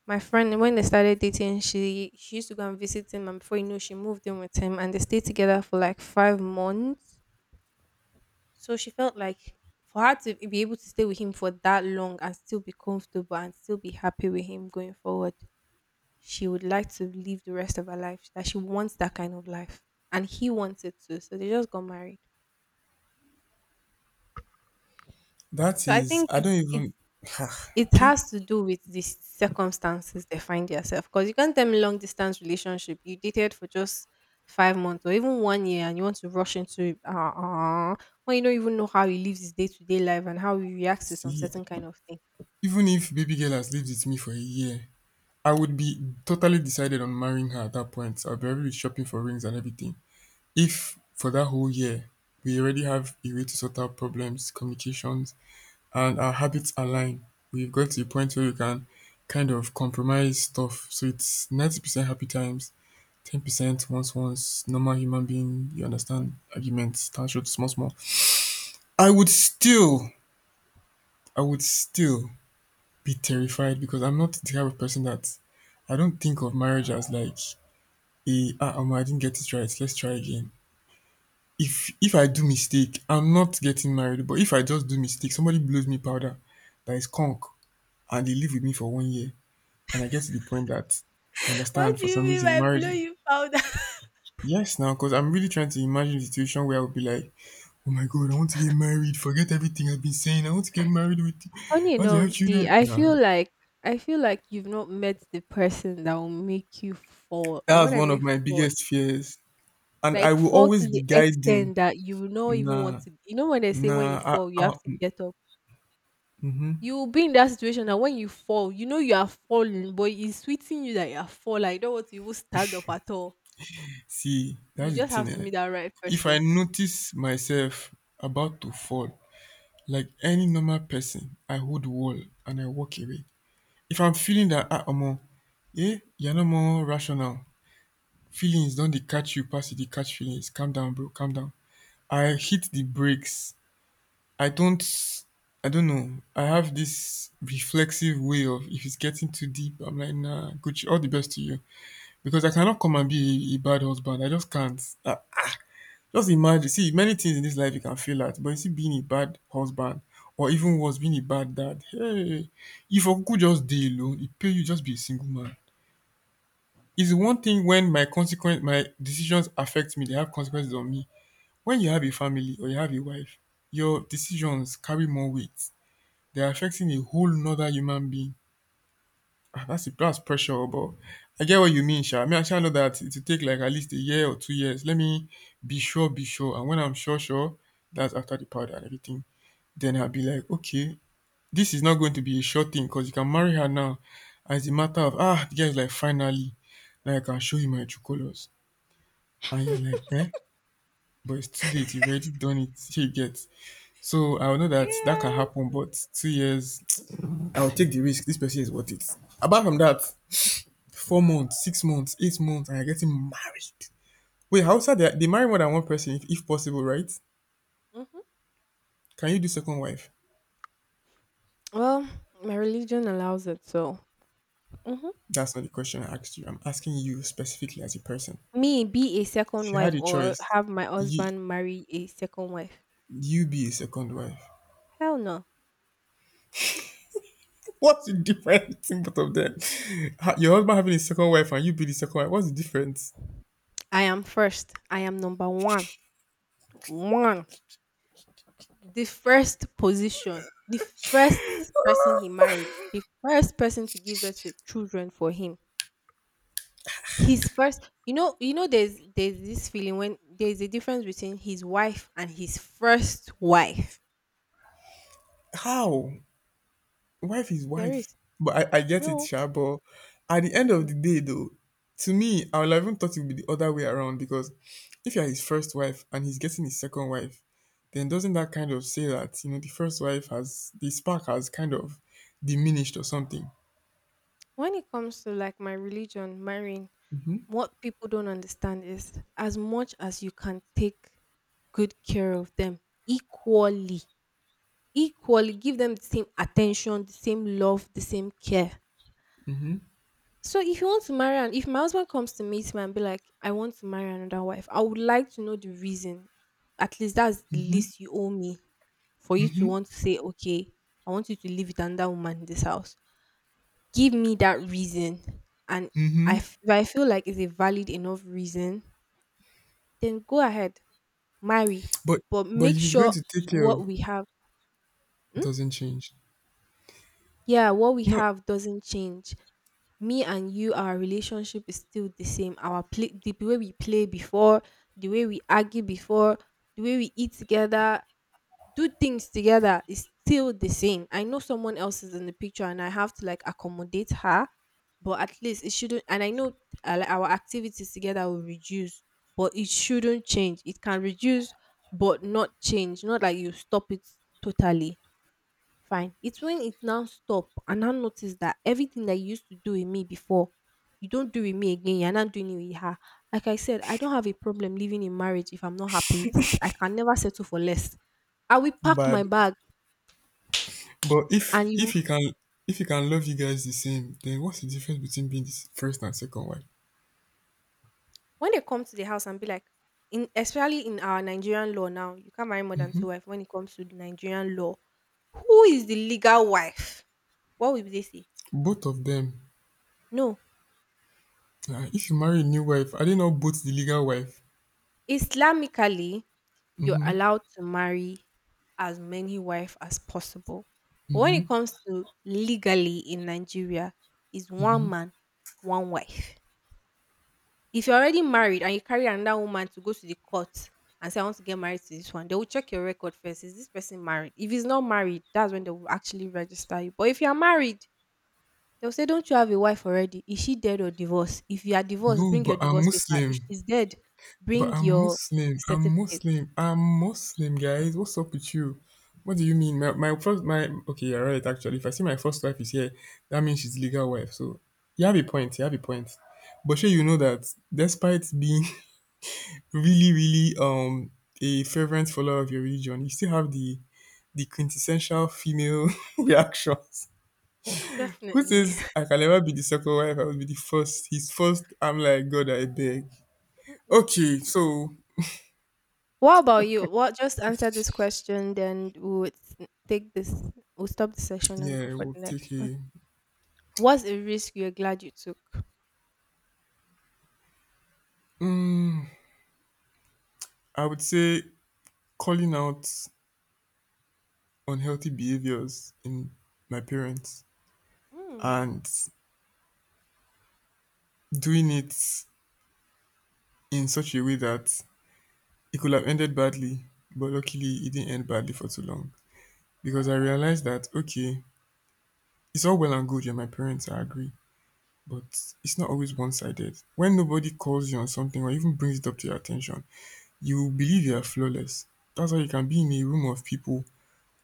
[SPEAKER 1] My friend, when they started dating, she used to go and visit him, and before you know, she moved in with him, and they stayed together for like 5 months. So she felt like for her to be able to stay with him for that long and still be comfortable and still be happy with him going forward she would like to live the rest of her life, that she wants that kind of life. And he wants it too. So they just got married.
[SPEAKER 2] That
[SPEAKER 1] So I
[SPEAKER 2] is,
[SPEAKER 1] think
[SPEAKER 2] I
[SPEAKER 1] it,
[SPEAKER 2] don't
[SPEAKER 1] it's
[SPEAKER 2] even.
[SPEAKER 1] it
[SPEAKER 2] Okay.
[SPEAKER 1] has to do with the circumstances they find yourself. Because you can't tell me long distance relationship. You dated for just 5 months or even one year and you want to rush into it when you don't even know how he lives his day to day life and how he reacts to some
[SPEAKER 2] See,
[SPEAKER 1] certain kind of thing.
[SPEAKER 2] even if baby girl has lived with me for a year, I would be totally decided on marrying her at that point. I'll be already shopping for rings and everything. If for that whole year we already have a way to sort out problems, communications, and our habits
[SPEAKER 1] Mm-hmm.
[SPEAKER 2] align, we've got to a point where we can kind of compromise stuff. So it's 90% happy times, 10% once, normal human being, you understand, arguments, tantrums, small, small. I would still, I would still be terrified because I'm not the type of person that I don't think of marriage as like omo, I didn't get it right. Let's try again. If I do mistake, I'm not getting married. But if I just do mistake, somebody blows me powder that is conk, and they live with me for 1 year, and I get to the point that I
[SPEAKER 1] What
[SPEAKER 2] understand
[SPEAKER 1] do
[SPEAKER 2] for
[SPEAKER 1] you
[SPEAKER 2] some
[SPEAKER 1] mean
[SPEAKER 2] reason
[SPEAKER 1] by blow
[SPEAKER 2] marriage.
[SPEAKER 1] you powder?
[SPEAKER 2] Yes, now, because I'm really trying to imagine the situation where I would be like, oh my god, I want to get married. Forget everything I've been saying. I want to get married with. I
[SPEAKER 1] Funny
[SPEAKER 2] want to have
[SPEAKER 1] enough, the
[SPEAKER 2] children. Nah,
[SPEAKER 1] I feel like you've not met the person that will make you fall. And
[SPEAKER 2] that
[SPEAKER 1] when
[SPEAKER 2] was
[SPEAKER 1] I
[SPEAKER 2] one
[SPEAKER 1] mean
[SPEAKER 2] of my
[SPEAKER 1] fall,
[SPEAKER 2] biggest fears, and I
[SPEAKER 1] like
[SPEAKER 2] will
[SPEAKER 1] fall
[SPEAKER 2] always
[SPEAKER 1] to
[SPEAKER 2] be
[SPEAKER 1] the
[SPEAKER 2] guiding.
[SPEAKER 1] extent that you will not even want
[SPEAKER 2] Nah,
[SPEAKER 1] to you know when they say when
[SPEAKER 2] nah.
[SPEAKER 1] you fall, you
[SPEAKER 2] I,
[SPEAKER 1] have to get up.
[SPEAKER 2] mm
[SPEAKER 1] You will be in that situation that when you fall, you know you are falling, but it's sweeting you that you are falling. I don't want to even stand up at all.
[SPEAKER 2] See,
[SPEAKER 1] You
[SPEAKER 2] that's the
[SPEAKER 1] just have
[SPEAKER 2] thing,
[SPEAKER 1] to
[SPEAKER 2] eh.
[SPEAKER 1] meet that right
[SPEAKER 2] If I
[SPEAKER 1] person.
[SPEAKER 2] notice myself about to fall, like any normal person, I hold the wall and I walk away. If I'm feeling that omo, eh, you're no more rational. Feelings don't dey catch you pass you dey catch feelings. Calm down, bro, calm down. I hit the brakes. I don't I don't know. I have this reflexive way of if it's getting too deep, I'm like, nah, Gucci, all the best to you. Because I cannot come and be a bad husband. I just can't. I, just imagine, see many things in this life you can fail at, but you see being a bad husband or even worse, being a bad dad. Hey, if Okuku just dey alone, it pay you just be a single man. It's the
[SPEAKER 1] Mm.
[SPEAKER 2] one thing when my consequence, my decisions affect me, they have consequences on me. When you have a family or you have a wife, your decisions carry more weight. They're affecting a whole nother human being. Ah, that's pressure, oh, but I get what you mean, Sha. I mean, I sha know that it will take like at least a year or 2 years. Let me be sure, be sure. And when I'm sure, sure, that's after the powder and everything. Then I'll be like, okay, this is not going to be a short thing because you can marry her now. As a matter of, ah, the guy's like, finally, now I can show you my true colors. And you're like, eh? But it's too late. You've already done it. She gets. So I know that that can
[SPEAKER 1] Yes.
[SPEAKER 2] happen, but 2 years, I'll take the risk. This person is worth it. Apart from that, 4 months, 6 months, 8 months, and you're getting married. Wait, how sad, they marry more than one person, if possible, right?
[SPEAKER 1] Hmm.
[SPEAKER 2] Can you do second wife?
[SPEAKER 1] Well, my religion allows it, so. Mhm.
[SPEAKER 2] That's not the question I asked you. I'm asking you specifically as a person.
[SPEAKER 1] Me be a
[SPEAKER 2] If
[SPEAKER 1] second
[SPEAKER 2] you
[SPEAKER 1] wife
[SPEAKER 2] had a
[SPEAKER 1] or
[SPEAKER 2] choice,
[SPEAKER 1] have my
[SPEAKER 2] you
[SPEAKER 1] husband marry a second wife.
[SPEAKER 2] you be a second wife.
[SPEAKER 1] Hell no.
[SPEAKER 2] What's the difference in both of them? Ha- your husband having a second wife and you be the second wife. What's the difference?
[SPEAKER 1] I am first. I am number one. One. The first position. The first person he married. The first person to give birth to children for him. His first you know there's this feeling when there's a difference between his wife and his first wife.
[SPEAKER 2] How? Wife is
[SPEAKER 1] There
[SPEAKER 2] wife.
[SPEAKER 1] is.
[SPEAKER 2] But I get it,
[SPEAKER 1] No.
[SPEAKER 2] Sha. But at the end of
[SPEAKER 1] Mm-mm.
[SPEAKER 2] the day, though, to me, I would have even thought it would be the other way around because if you're his first wife and he's getting his second wife, then doesn't that kind of say that, you know, the first wife has, the spark has kind of diminished or something?
[SPEAKER 1] When it comes to like my religion, marrying,
[SPEAKER 2] hmm
[SPEAKER 1] what people don't understand is as much as you can take good care of them equally, equally give them the same attention, the same love, the same care.
[SPEAKER 2] hmm
[SPEAKER 1] So if you want to marry and if my husband comes to meet me and be like, I want to marry another wife, I would like to know the reason. At least that's the
[SPEAKER 2] hmm
[SPEAKER 1] least you owe me for you to
[SPEAKER 2] hmm
[SPEAKER 1] want to say, okay, I want you to live with another woman in this house give me that reason and
[SPEAKER 2] hmm
[SPEAKER 1] if I feel like it's a valid enough reason, then go ahead, marry.
[SPEAKER 2] But,
[SPEAKER 1] But
[SPEAKER 2] but if
[SPEAKER 1] make
[SPEAKER 2] he's going
[SPEAKER 1] sure
[SPEAKER 2] to take care of,
[SPEAKER 1] what we have. Hmm?
[SPEAKER 2] doesn't change.
[SPEAKER 1] Yeah, what we
[SPEAKER 2] No,
[SPEAKER 1] have doesn't change. Me and you, our relationship is still the same. Our play the way we play before, the way we argue before, the way we eat together, do things together is still the same. I know someone else is in the picture and I have to like accommodate her, but at least it shouldn't. And I know like, our activities together will reduce, but it shouldn't change. It can reduce, but not change. Not like you stop it totally. Fine. It's when it now stop and now notice that everything that you used to do with me before, you don't do with me again. You're not doing it with her. Like I said, I don't have a problem living in marriage if I'm not happy with it. I can never settle for less. I will pack my
[SPEAKER 2] bad.
[SPEAKER 1] bag
[SPEAKER 2] But if,
[SPEAKER 1] and
[SPEAKER 2] if
[SPEAKER 1] you
[SPEAKER 2] he can, if he can love you guys the same, then what's the difference between being his first and second wife?
[SPEAKER 1] when they come to the house and be like in especially in our Nigerian law now, you can't marry more than
[SPEAKER 2] Mm-hmm.
[SPEAKER 1] two wives when it comes to the Nigerian law. Who is the legal wife? What will they say?
[SPEAKER 2] Both of them.
[SPEAKER 1] No.
[SPEAKER 2] Ah, if you marry a new wife, are they not both the legal wife?
[SPEAKER 1] Islamically, you're
[SPEAKER 2] Mm-hmm.
[SPEAKER 1] allowed to marry as many wife as possible. But when
[SPEAKER 2] Mm-hmm.
[SPEAKER 1] it comes to legally in Nigeria, is
[SPEAKER 2] Mm-hmm.
[SPEAKER 1] one man, one wife. If you're already married and you carry another woman to go to the court and say, I want to get married to this one, they will check your record first. Is this person married? If he's not married, that's when they will actually register you. But if you're married, they'll say, don't you have a wife already? Is she dead or divorced? If you are divorced,
[SPEAKER 2] No,
[SPEAKER 1] bring your
[SPEAKER 2] but I'm
[SPEAKER 1] divorce paper. If
[SPEAKER 2] Muslim.
[SPEAKER 1] she's dead,
[SPEAKER 2] But
[SPEAKER 1] bring
[SPEAKER 2] I'm
[SPEAKER 1] your
[SPEAKER 2] Muslim. I'm
[SPEAKER 1] certificate.
[SPEAKER 2] Muslim. I'm Muslim, guys. What's up with you? What do you mean? My first, my okay, you're right. Actually, if I see my first wife is here, that means she's legal wife. So you have a point. You have a point. But sure, you know that despite being really, really a fervent follower of your religion, you still have the quintessential female reactions. Who
[SPEAKER 1] Definitely.
[SPEAKER 2] says I can never be the second wife? I will be the first. His first. I'm like, God, I beg. Okay, so
[SPEAKER 1] What about you? What just answer this question, then we'll take this. We'll stop the session and go
[SPEAKER 2] yeah,
[SPEAKER 1] for
[SPEAKER 2] we'll
[SPEAKER 1] the
[SPEAKER 2] take
[SPEAKER 1] next one.
[SPEAKER 2] a.
[SPEAKER 1] What's a risk you're glad you took?
[SPEAKER 2] I would say calling out unhealthy behaviors in my parents
[SPEAKER 1] Hmm.
[SPEAKER 2] and doing it in such a way that it could have ended badly, but luckily it didn't end badly for too long. Because I realized that, okay, it's all well and good. Yeah, my parents, I agree, but it's not always one sided. When nobody calls you on something or even brings it up to your attention, you believe you are flawless. That's why you can be in a room of people,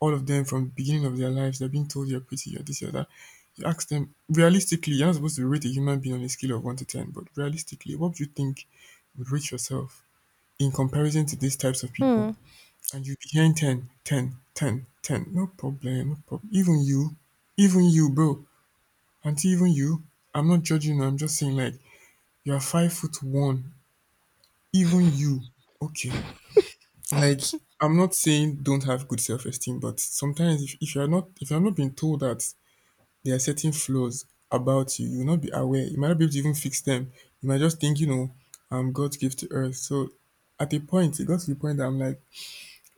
[SPEAKER 2] all of them from the beginning of their lives, they're being told you're pretty, you're this, you're that. You ask them, realistically, you're not supposed to rate a human being on a scale of 1 to 10, but realistically, what do you think would rate yourself in comparison to these types of people?
[SPEAKER 1] Hmm.
[SPEAKER 2] And you'd be hearing 10, ten, ten, ten. No problem, no problem. Even you, bro. Auntie, even you, I'm not judging you, I'm just saying, like, you're 5 foot 1. Even you, okay. Like, I'm not saying don't have good self esteem, but sometimes if you're not, if you're not being told that there are certain flaws about you, you will not be aware. You might not be able to even fix them. You might just think, you know, I'm God's gift to earth. So at a point, it got to the point that I'm like,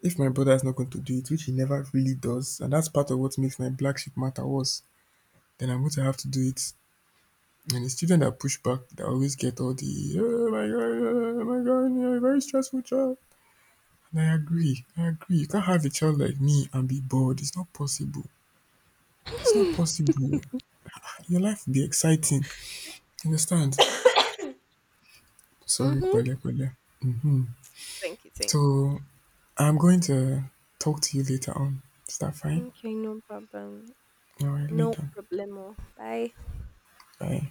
[SPEAKER 2] if my brother is not going to do it, which he never really does, and that's part of what makes my black sheep matter worse, then I'm going to have to do it. And it's children that push back that always get all the oh my god, you're a very stressful child. I agree, I agree, you can't have a child like me and be bored, it's not possible, it's not possible, your life will be exciting, understand, sorry,
[SPEAKER 1] Mhm.
[SPEAKER 2] pẹ̀lẹ́ pẹ̀lẹ́. hmm
[SPEAKER 1] Thank you. Thank.
[SPEAKER 2] so I'm going to talk to you later on, is that
[SPEAKER 1] You.
[SPEAKER 2] fine?
[SPEAKER 1] Okay. No problem.
[SPEAKER 2] All right,
[SPEAKER 1] No
[SPEAKER 2] later.
[SPEAKER 1] problemo. Bye.
[SPEAKER 2] Bye.